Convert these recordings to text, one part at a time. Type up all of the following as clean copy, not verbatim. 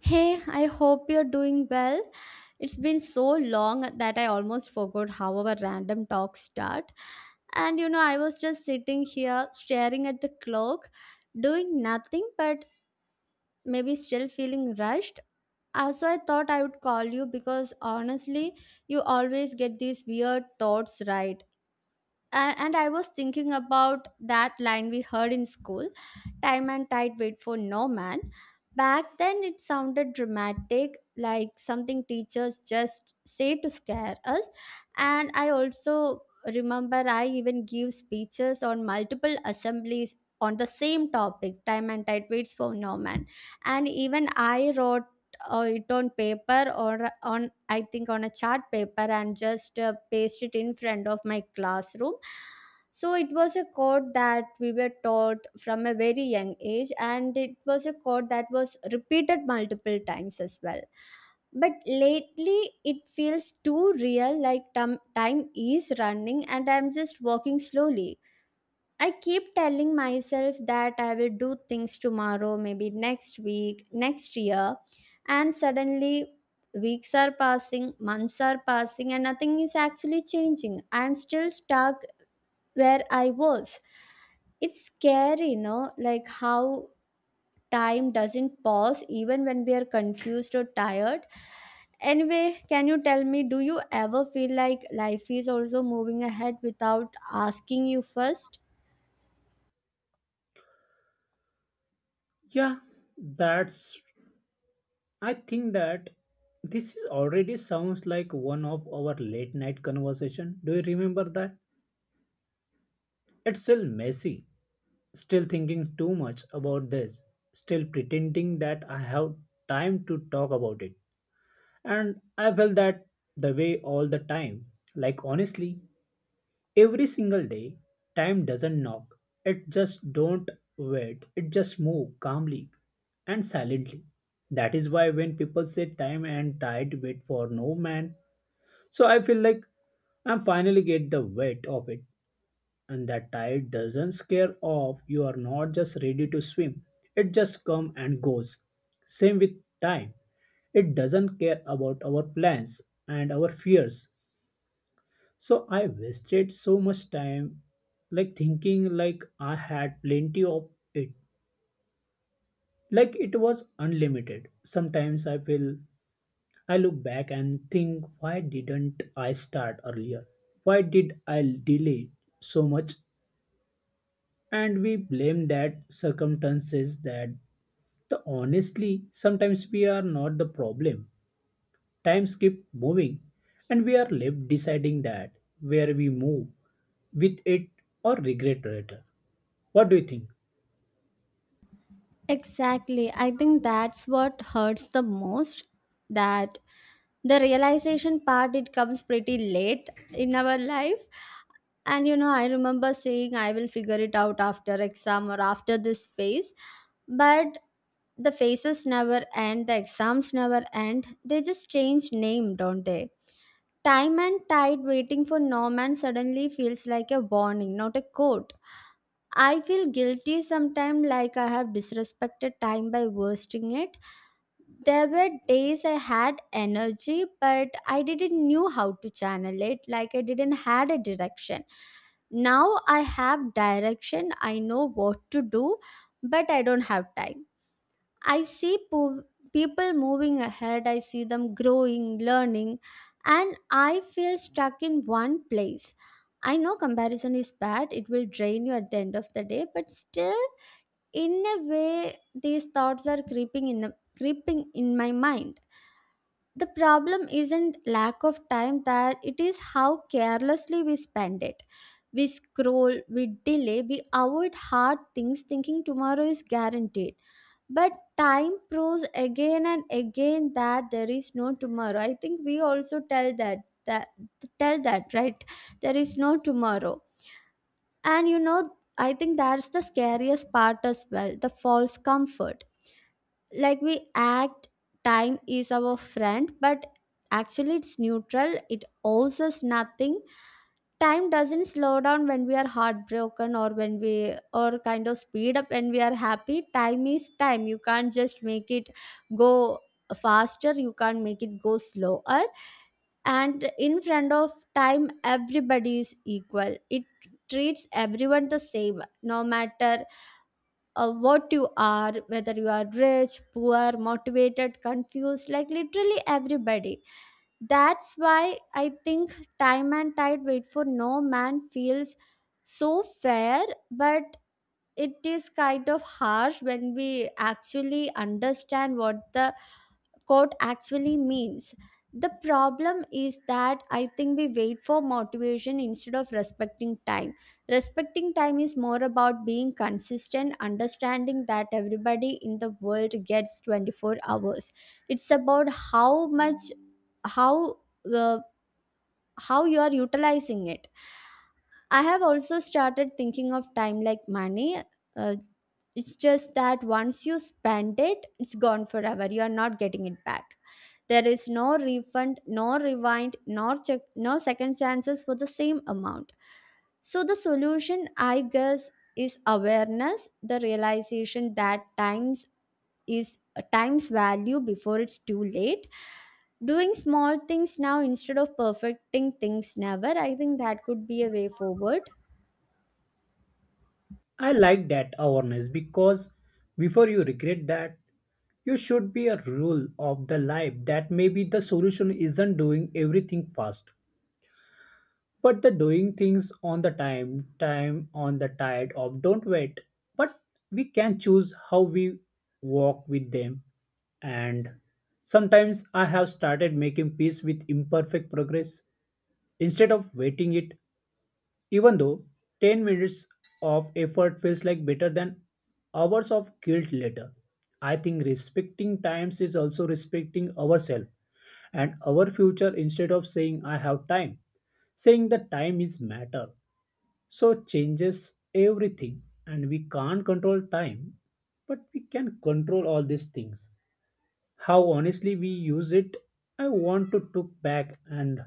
Hey, I hope you're doing well. It's been so long that I almost forgot how our random talks start. And you know, I was just sitting here staring at the clock, doing nothing but maybe still feeling rushed. Also, I thought I would call you because honestly, you always get these weird thoughts, right? And I was thinking about that line we heard in school, time and tide wait for no man. Back then it sounded dramatic, like something teachers just say to scare us. And I also remember I even give speeches on multiple assemblies on the same topic, time and tide waits for no man. And even I wrote it on paper, or on, I think, on a chart paper, and just paste it in front of my classroom. So it was a code that we were taught from a very young age, and it was a code that was repeated multiple times as well. But lately, it feels too real, like time is running, and I'm just walking slowly. I keep telling myself that I will do things tomorrow, maybe next week, next year, and suddenly weeks are passing, months are passing, and nothing is actually changing. I'm still stuck where I was. It's scary, you know, like how time doesn't pause even when we are confused or tired. Anyway, can you tell me, do you ever feel like life is also moving ahead without asking you first? Yeah, that's. I think that this is already sounds like one of our late night conversation. Do you remember that? It's still messy. Still thinking too much about this. Still pretending that I have time to talk about it. And I felt that the way all the time. Like honestly, every single day time doesn't knock, it just don't wait, it just move calmly and silently. That is why when people say time and tide wait for no man, so I feel like I'm finally get the weight of it. And that tide doesn't scare off, you are not just ready to swim, it just come and goes. Same with time, it doesn't care about our plans and our fears. So I wasted so much time like thinking like I had plenty of it. Like it was unlimited. Sometimes I feel I look back and think, why didn't I start earlier? Why did I delay so much? And we blame that circumstances that the honestly sometimes we are not the problem. Times keep moving and we are left deciding that where we move with it or regret later. What do you think? Exactly. I think that's what hurts the most, that the realization part, it comes pretty late in our life. And you know, I remember saying I will figure it out after exam or after this phase, but the phases never end, the exams never end. They just change name, don't they? Time and tide waiting for Norman suddenly feels like a warning, not a code. I feel guilty sometimes, like I have disrespected time by wasting it. There were days I had energy, but I didn't knew how to channel it. Like I didn't had a direction. Now I have direction. I know what to do, but I don't have time. I see people moving ahead, I see them growing, learning, and I feel stuck in one place. I know comparison is bad, it will drain you at the end of the day, but still, in a way, these thoughts are creeping in, creeping in my mind. The problem isn't lack of time, that it is how carelessly we spend it. We scroll, we delay, we avoid hard things thinking tomorrow is guaranteed, but time proves again and again that there is no tomorrow. I think we also tell that, that tell that, right? There is no tomorrow. And you know, I think that's the scariest part as well, the false comfort. Like we act time is our friend, but actually it's neutral, it owes us nothing. Time doesn't slow down when we are heartbroken, or when we, or kind of speed up when we are happy. Time is time. You can't just make it go faster, you can't make it go slower. And in front of time, everybody is equal. It treats everyone the same, no matter what you are, whether you are rich, poor, motivated, confused, like literally everybody. That's why I think time and tide wait for no man feels so fair, but it is kind of harsh when we actually understand what the quote actually means. The problem is that I think we wait for motivation instead of respecting time. Respecting time is more about being consistent, understanding that everybody in the world gets 24 hours. It's about how much, how, uh, how you are utilizing it. I have also started thinking of time like money. Uh, it's just that once you spend it, it's gone forever. You are not getting it back. There is no refund, no rewind, nor check, no second chances for the same amount. So the solution, I guess, is awareness, the realization that times is time's value before it's too late. Doing small things now instead of perfecting things never. I think that could be a way forward. I like that awareness because before you regret that, you should be a rule of the life that maybe the solution isn't doing everything fast, but the doing things on the time, time on the tide of don't wait. But we can choose how we walk with them. And sometimes I have started making peace with imperfect progress instead of waiting it. Even though 10 minutes of effort feels like better than hours of guilt later, I think respecting times is also respecting ourselves and our future instead of saying I have time. Saying the time is matter. So changes everything, and we can't control time, but we can control all these things. How honestly we use it, I want to took back and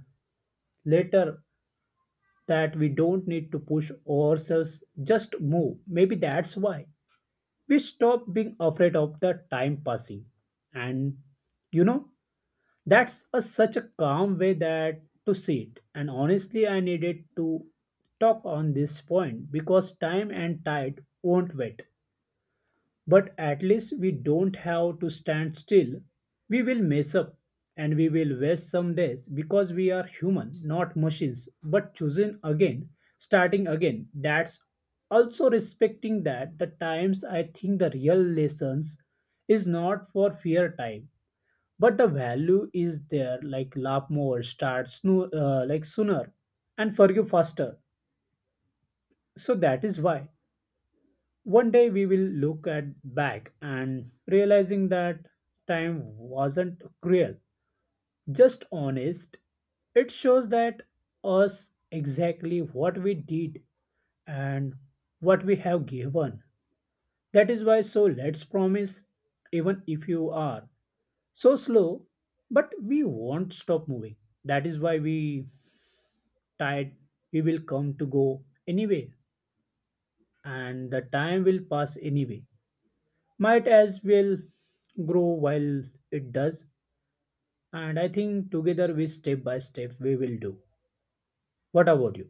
later that we don't need to push ourselves, just move. Maybe that's why we stop being afraid of the time passing. And you know, such a calm way that to see it. And honestly, I needed to talk on this point because time and tide won't wait. But at least we don't have to stand still. We will mess up and we will waste some days because we are human, not machines. But choosing again, starting again, that's also respecting that the times. I think the real lessons is not for fear time, but the value is there like laugh more, like sooner, and forgive faster. So that is why. One day we will look at back and realizing that time wasn't cruel, just honest. It shows that us exactly what we did and what we have given. That is why so let's promise even if you are so slow but we won't stop moving. That is why we tired we will come to go anyway, and the time will pass anyway. Might as well grow while it does. And I think together, we step by step we will do. What about you?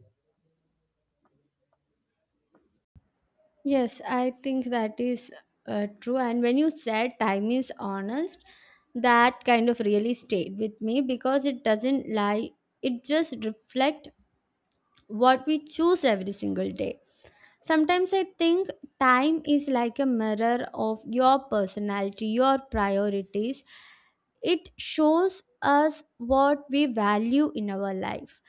Yes, I think that is true. And when you said time is honest, that kind of really stayed with me because it doesn't lie. It just reflects what we choose every single day. Sometimes I think time is like a mirror of your personality, your priorities. It shows us what we value in our life.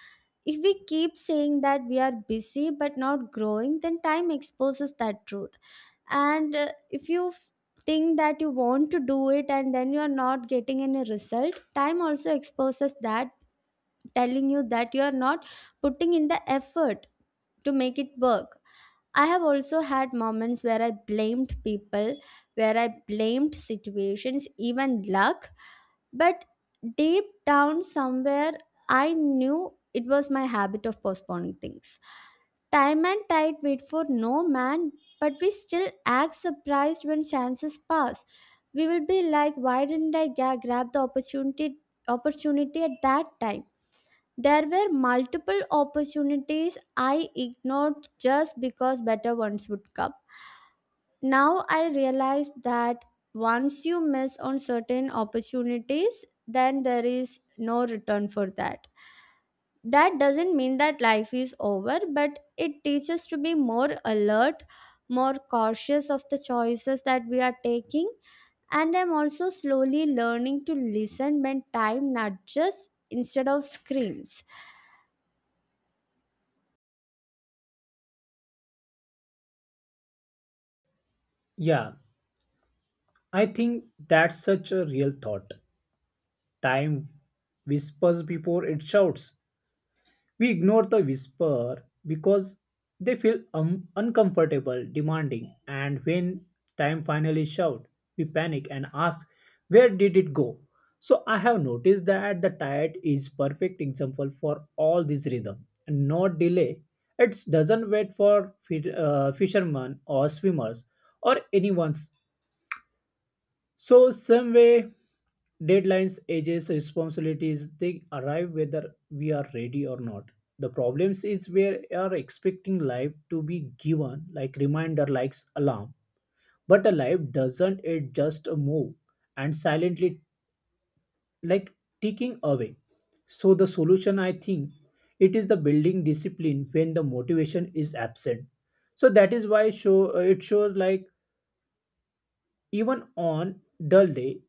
If we keep saying that we are busy but not growing, then time exposes that truth. And if you think that you want to do it and then you are not getting any result, time also exposes that, telling you that you are not putting in the effort to make it work. I have also had moments where I blamed people, where I blamed situations, even luck, but deep down somewhere, I knew it was my habit of postponing things. Time and tide wait for no man, but we still act surprised when chances pass. We will be like, why didn't I grab the opportunity, opportunity at that time? There were multiple opportunities I ignored just because better ones would come. Now I realize that once you miss on certain opportunities, then there is no return for that. That doesn't mean that life is over, but it teaches to be more alert, more cautious of the choices that we are taking. And I'm also slowly learning to listen when time nudges instead of screams. Yeah, I think that's such a real thought. Time whispers before it shouts. We ignore the whisper because they feel uncomfortable, demanding, and when time finally shouts, we panic and ask, where did it go? So I have noticed that the tired is perfect example for all this rhythm and not delay. It doesn't wait for fishermen or swimmers or anyone's. So some way deadlines, ages, responsibilities, they arrive whether we are ready or not. The problems is where we are expecting life to be given like reminder, like alarm. But a life doesn't, it just move and silently like ticking away. So the solution I think it is the building discipline when the motivation is absent. So that is why show it shows like even on dull day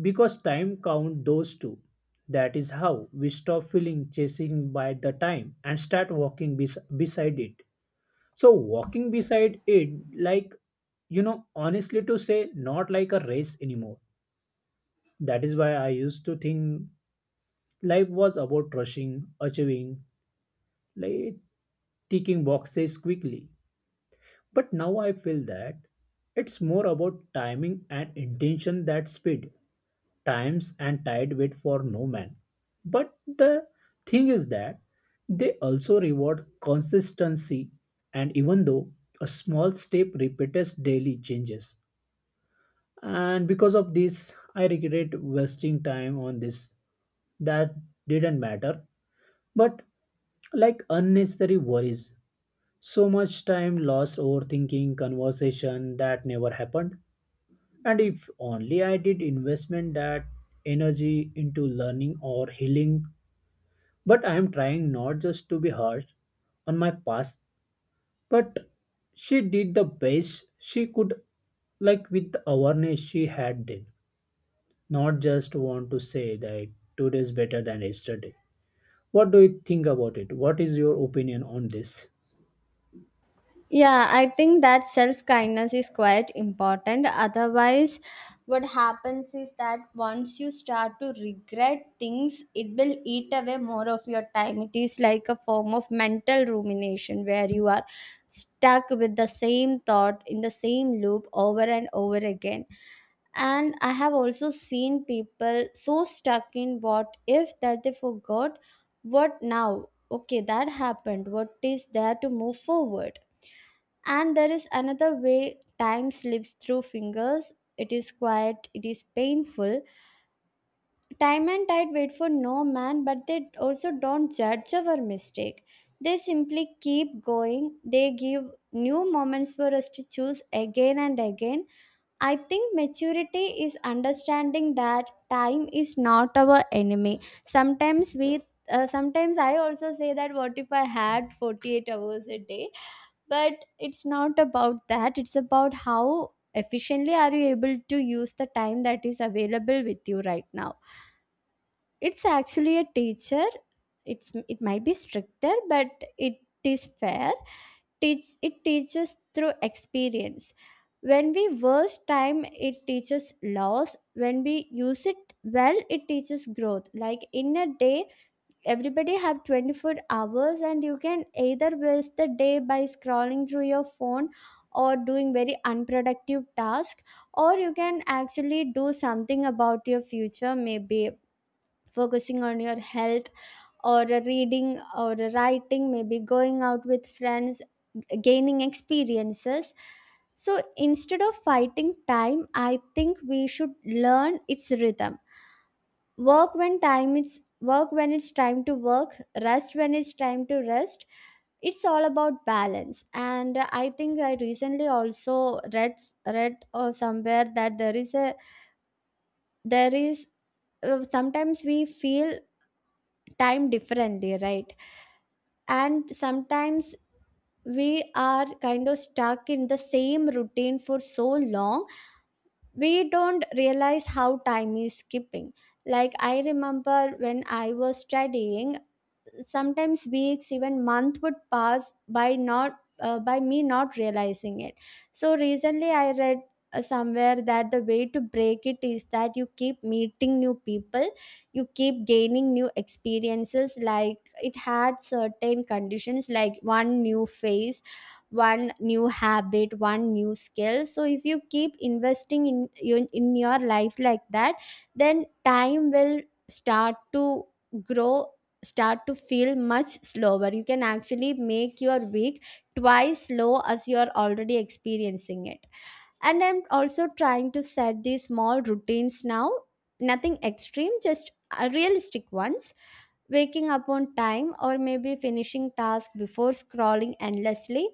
because time count those two. That is how we stop feeling chasing by the time and start walking beside it. So walking beside it, like you know honestly to say, not like a race anymore. That is why I used to think life was about rushing, achieving, like ticking boxes quickly. But now I feel that it's more about timing and intention than speed. Times and tide wait for no man. But the thing is that they also reward consistency, and even though a small step repeats daily changes. And because of this, I regret wasting time on this that didn't matter, but like unnecessary worries, so much time lost overthinking conversation that never happened. And if only I did investment that energy into learning or healing. But I am trying not just to be harsh on my past, but she did the best she could, like with the awareness she had then. Not just want to say that today is better than yesterday. What do you think about it? What is your opinion on this? Yeah, I think that self kindness is quite important. Otherwise, what happens is that once you start to regret things, it will eat away more of your time. It is like a form of mental rumination where you are stuck with the same thought in the same loop over and over again. And I have also seen people so stuck in what if that they forgot what now. Okay, that happened. What is there to move forward? And there is another way time slips through fingers. It is quiet, it is painful. Time and tide wait for no man, but they also don't judge our mistake. They simply keep going. They give new moments for us to choose again and again. I think maturity is understanding that time is not our enemy. Sometimes we, sometimes I also say that, what if I had 48 hours a day? But it's not about that, it's about how efficiently are you able to use the time that is available with you right now. It's actually a teacher. It's, it might be stricter, but it is fair. Teach it teaches through experience. When we waste time, it teaches loss. When we use it well, it teaches growth. Like in a day, everybody have 24 hours, and you can either waste the day by scrolling through your phone or doing very unproductive task, or you can actually do something about your future, maybe focusing on your health, or a reading or a writing, maybe going out with friends, gaining experiences. So instead of fighting time, I think we should learn its rhythm. Work when it's time to work, rest when it's time to rest. It's all about balance. And I think I recently also read or somewhere that there is a, there is, sometimes we feel time differently, right? And sometimes we are kind of stuck in the same routine for so long, we don't realize how time is skipping. Like I remember when I was studying, sometimes weeks, even month would pass by, not by me not realizing it. So recently I read somewhere that the way to break it is that you keep meeting new people, you keep gaining new experiences. Like it had certain conditions, like one new phase, one new habit, one new skill. So if you keep investing in in your life like that, then time will start to grow, start to feel much slower. You can actually make your week twice slow as you are already experiencing it. And I'm also trying to set these small routines now, nothing extreme, just realistic ones. Waking up on time, or maybe finishing tasks before scrolling endlessly.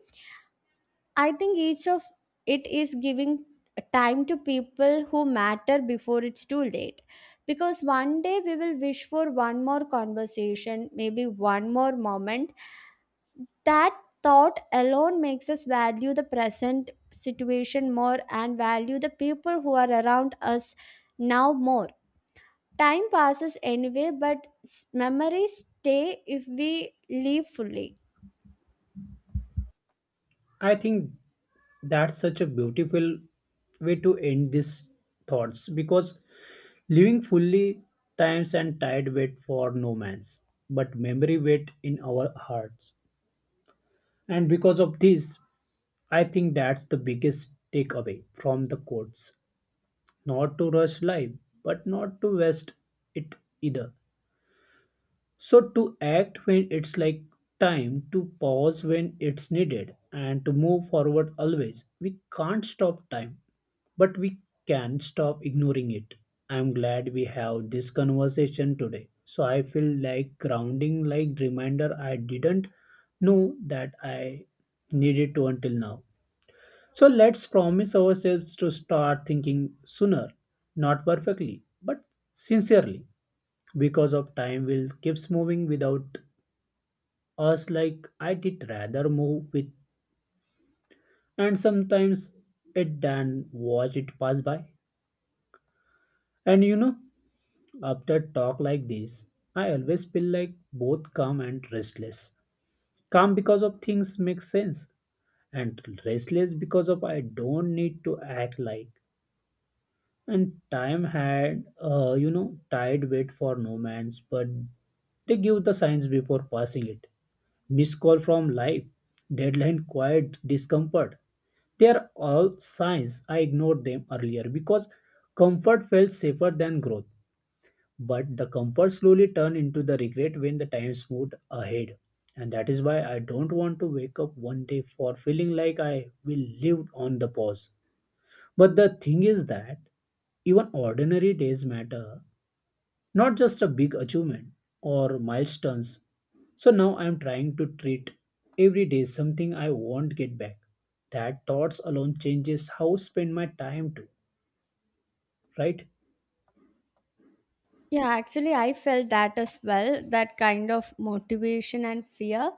I think each of it is giving time to people who matter before it's too late. Because one day we will wish for one more conversation, maybe one more moment. That thought alone makes us value the present situation more and value the people who are around us now more. Time passes anyway, but memories stay if we live fully. I think that's such a beautiful way to end these thoughts because living fully, times and tide wait for no man's, but memory wait in our hearts. And because of this, I think that's the biggest takeaway from the quotes. Not to rush life, but not to waste it either. So to act when it's like time, to pause when it's needed, and to move forward always. We can't stop time, but we can stop ignoring it. I'm glad we have this conversation today. So I feel like grounding, like reminder I didn't know that I needed to until now. So let's promise ourselves to start thinking sooner, not perfectly, but sincerely, because of time will keeps moving without us like I did rather move with and sometimes it than watch it pass by. And you know, after talk like this, I always feel like both calm and restless. Calm because of things make sense and restless because of I don't need to act like. And time had, you know, tied wait for nomads, but they give the signs before passing it. Missed call from life, deadline, quiet discomfort. They are all signs. I ignored them earlier because comfort felt safer than growth. But the comfort slowly turned into the regret when the times moved ahead. And that is why I don't want to wake up one day for feeling like I will live on the pause. But the thing is that even ordinary days matter, not just a big achievement or milestones. So now I am trying to treat every day something I won't get back. That thoughts alone changes how I spend my time too, right? Yeah, actually, I felt that as well, that kind of motivation and fear.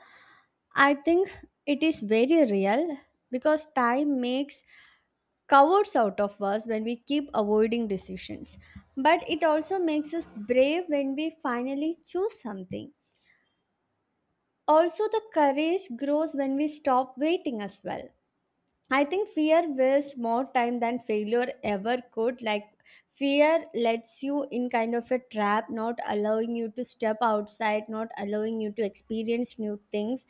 I think it is very real because time makes cowards out of us when we keep avoiding decisions. But it also makes us brave when we finally choose something. Also, the courage grows when we stop waiting as well. I think fear wastes more time than failure ever could. Fear lets you in kind of a trap, not allowing you to step outside, not allowing you to experience new things.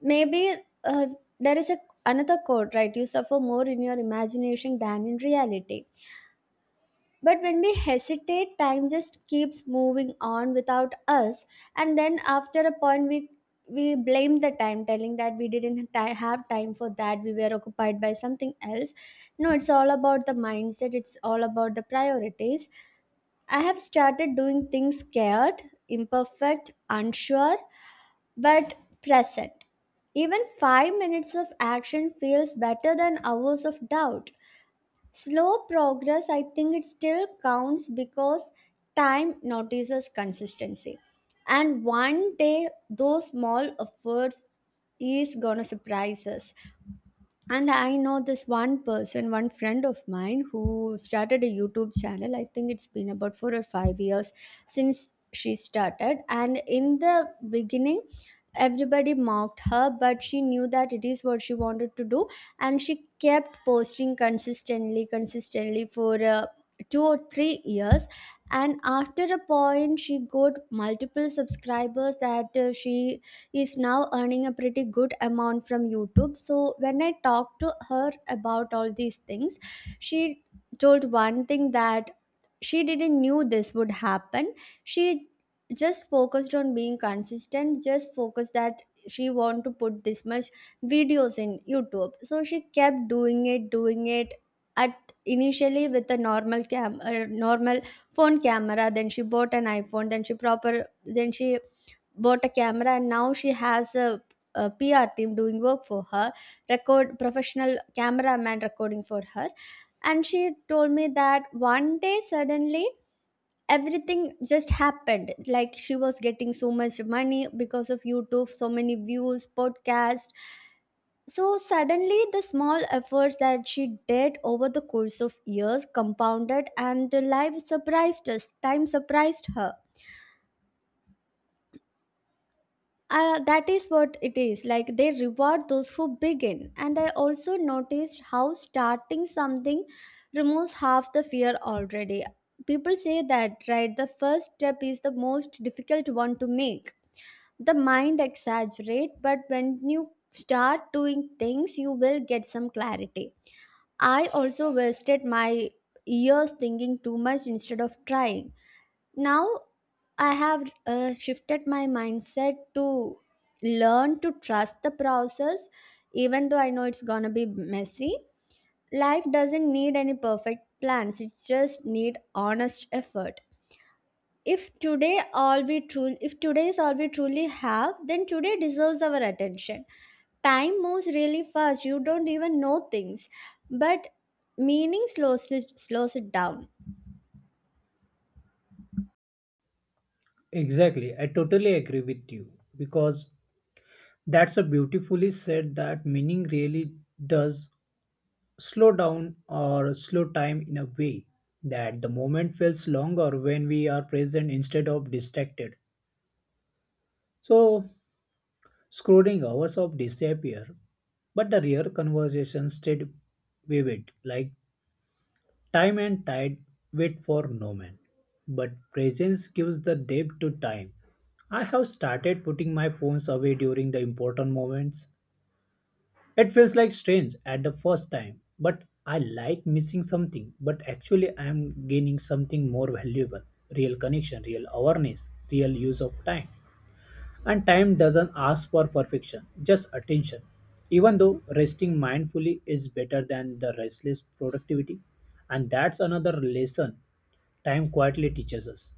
Maybe uh, there is a, Another quote, right? You suffer more in your imagination than in reality. But when we hesitate, time just keeps moving on without us. And then after a point, we blame the time, telling that we didn't have time for that. We were occupied by something else. No, it's all about the mindset. It's all about the priorities. I have started doing things scared, imperfect, unsure, but present. Even 5 minutes of action feels better than hours of doubt. Slow progress, I think it still counts because time notices consistency. And one day, those small efforts is gonna surprise us. And I know this one person, one friend of mine who started a YouTube channel. I think it's been about 4 or 5 years since she started, and in the beginning everybody mocked her, but she knew that it is what she wanted to do. And she kept posting consistently for two or three years, and after a point she got multiple subscribers. That she is now earning a pretty good amount from YouTube. So when I talked to her about all these things, she told one thing, that she didn't knew this would happen. She just focused on being consistent, just focused that she want to put this much videos in YouTube. So she kept doing it initially with a normal cam normal phone camera. Then she bought an iPhone, then she bought a camera, and now she has a, PR team doing work for her, record professional cameraman recording for her. And she told me that one day suddenly everything just happened. Like, she was getting so much money because of YouTube, so many views, podcasts. So suddenly, the small efforts that she did over the course of years compounded, and life surprised us. Time surprised her. That is what it is. Like, they reward those who begin. And I also noticed how starting something removes half the fear already. People say that, right? The first step is the most difficult one to make. The mind exaggerate, but when you start doing things, you will get some clarity. I also wasted my years thinking too much instead of trying. Now I have shifted my mindset to learn to trust the process, even though I know it's gonna be messy. Life doesn't need any perfect plans, it just need honest effort. If today all we truly if today is all we truly have, then today deserves our attention. Time moves really fast, you don't even know things, but meaning slows it down. Exactly. I totally agree with you because that's a beautifully said that meaning really does slow down or slow time in a way that the moment feels longer when we are present instead of distracted. So, scrolling hours of disappear, but the real conversation stayed vivid, like time and tide wait for no man. But presence gives the depth to time. I have started putting my phones away during the important moments. It feels like strange at the first time, but I like missing something. But actually, I am gaining something more valuable, real connection, real awareness, real use of time. And time doesn't ask for perfection, just attention. Even though resting mindfully is better than the restless productivity, and that's another lesson time quietly teaches us.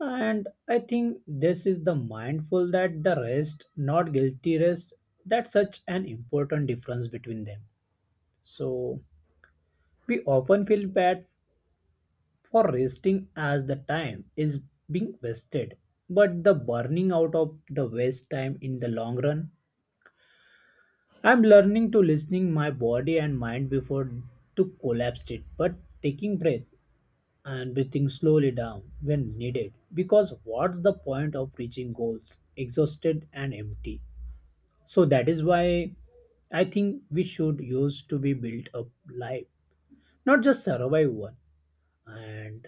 And I think this is the mindful that the rest, not guilty rest, that's such an important difference between them. So we often feel bad for resting as the time is being wasted, but the burning out of the waste time in the long run I'm learning to listening my body and mind before to collapse it, but taking breath and breathing slowly down when needed. Because what's the point of reaching goals exhausted and empty? So that is why I think we should use to be built up life, not just survive one. And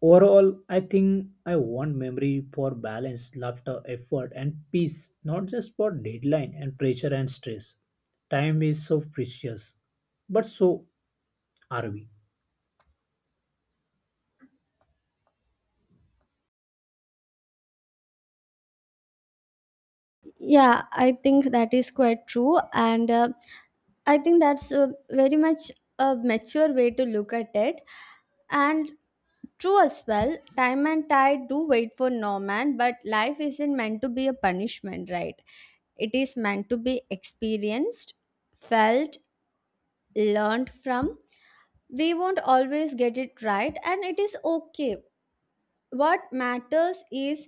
overall, I think I want memory for balance, laughter, effort, and peace, not just for deadline and pressure and stress. Time is so precious, but so are we. Yeah, I think that is quite true, and I think that's a very much a mature way to look at it. And true as well, time and tide do wait for no man, but life isn't meant to be a punishment, right? It is meant to be experienced, felt, learned from. We won't always get it right, and it is okay. What matters is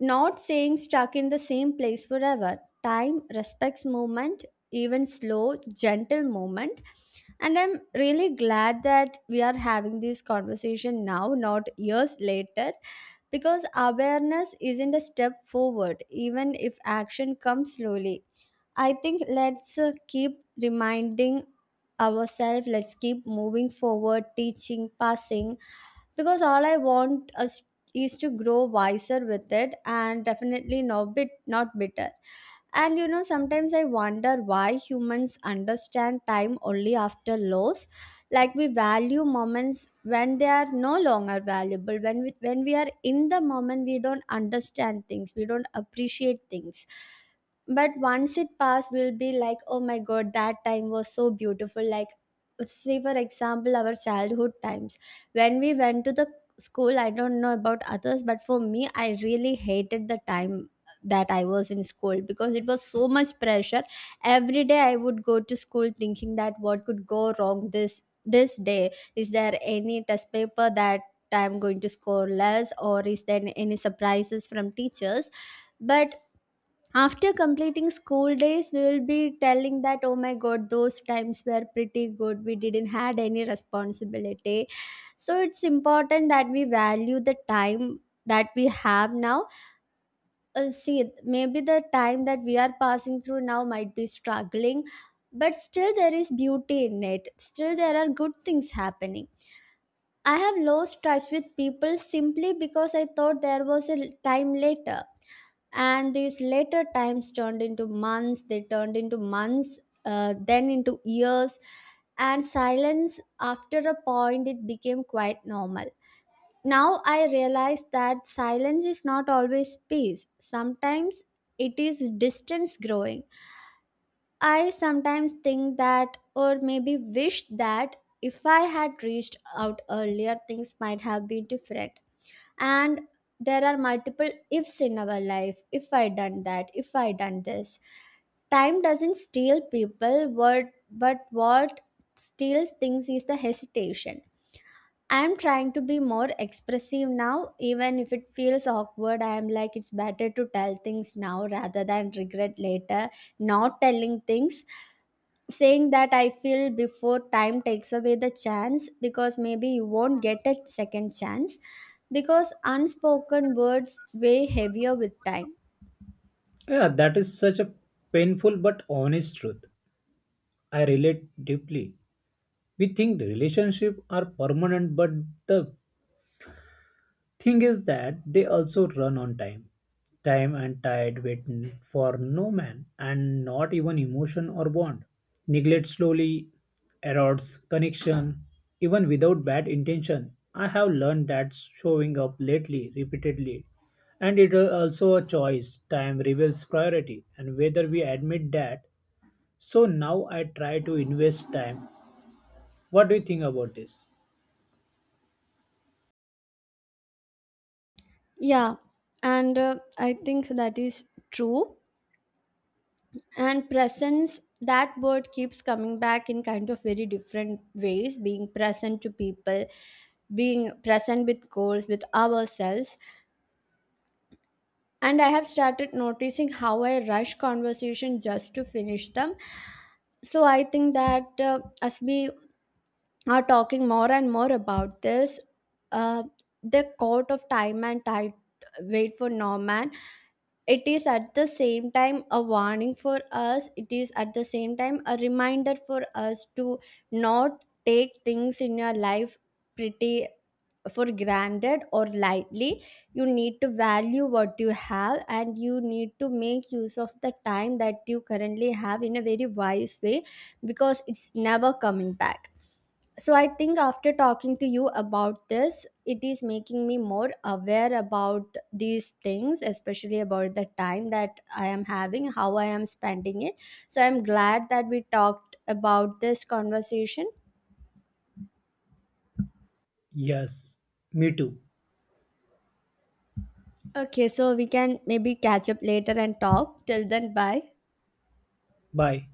not staying stuck in the same place forever. Time respects movement, even slow, gentle movement. And I'm really glad that we are having this conversation now, not years later, because awareness isn't a step forward even if action comes slowly. I think let's keep reminding ourselves, let's keep moving forward, teaching, passing, because all I want us is to grow wiser with it, and definitely not bitter. And you know, sometimes I wonder why humans understand time only after loss. Like, we value moments when they are no longer valuable. When we are in the moment, we don't understand things. We don't appreciate things. But once it passed, we'll be like, oh my god, that time was so beautiful. Like, say for example, our childhood times when we went to the school. I don't know about others, but for me, I really hated the time that I was in school because it was so much pressure. Every day I would go to school thinking that what could go wrong this day. Is there any test paper that I'm going to score less, or is there any surprises from teachers? But after completing school days, we will be telling that, oh my god, those times were pretty good, we didn't had any responsibility. So it's important that we value the time that we have now. See, maybe the time that we are passing through now might be struggling, but still there is beauty in it. Still, there are good things happening. I have lost touch with people simply because I thought there was a time later. And these later times turned into months, then into years. And silence, after a point, it became quite normal. Now I realize that silence is not always peace. Sometimes it is distance growing. I sometimes think that, or maybe wish that, if I had reached out earlier, things might have been different. And there are multiple ifs in our life. If I done that, if I done this. Time doesn't steal people, what but what steals things is the hesitation. I'm trying to be more expressive now, even if it feels awkward. I am like, it's better to tell things now rather than regret later. Not telling things, saying that I feel, before time takes away the chance, because maybe you won't get a second chance, because unspoken words weigh heavier with time. Yeah, that is such a painful but honest truth. I relate deeply. We think the relationship are permanent, but the thing is that they also run on time. Time and tide wait for no man and not even emotion or bond. Neglect slowly erodes connection, even without bad intention. I have learned that showing up lately, repeatedly, and it is also a choice. Time reveals priority and whether we admit that. So now I try to invest time. What do you think about this? Yeah, and I think that is true. And presence, that word keeps coming back in kind of very different ways, being present to people, being present with goals, with ourselves. And I have started noticing how I rush conversation just to finish them. So I think that, as we are talking more and more about this, uh, the court of time and tide wait for no man, it is at the same time a warning for us, it is at the same time a reminder for us to not take things in your life pretty for granted or lightly. You need to value what you have, and you need to make use of the time that you currently have in a very wise way, because it's never coming back. So I think after talking to you about this, it is making me more aware about these things, especially about the time that I am having, how I am spending it. So I'm glad that we talked about this conversation. Yes, me too. Okay, so we can maybe catch up later and talk. Till then, bye. Bye.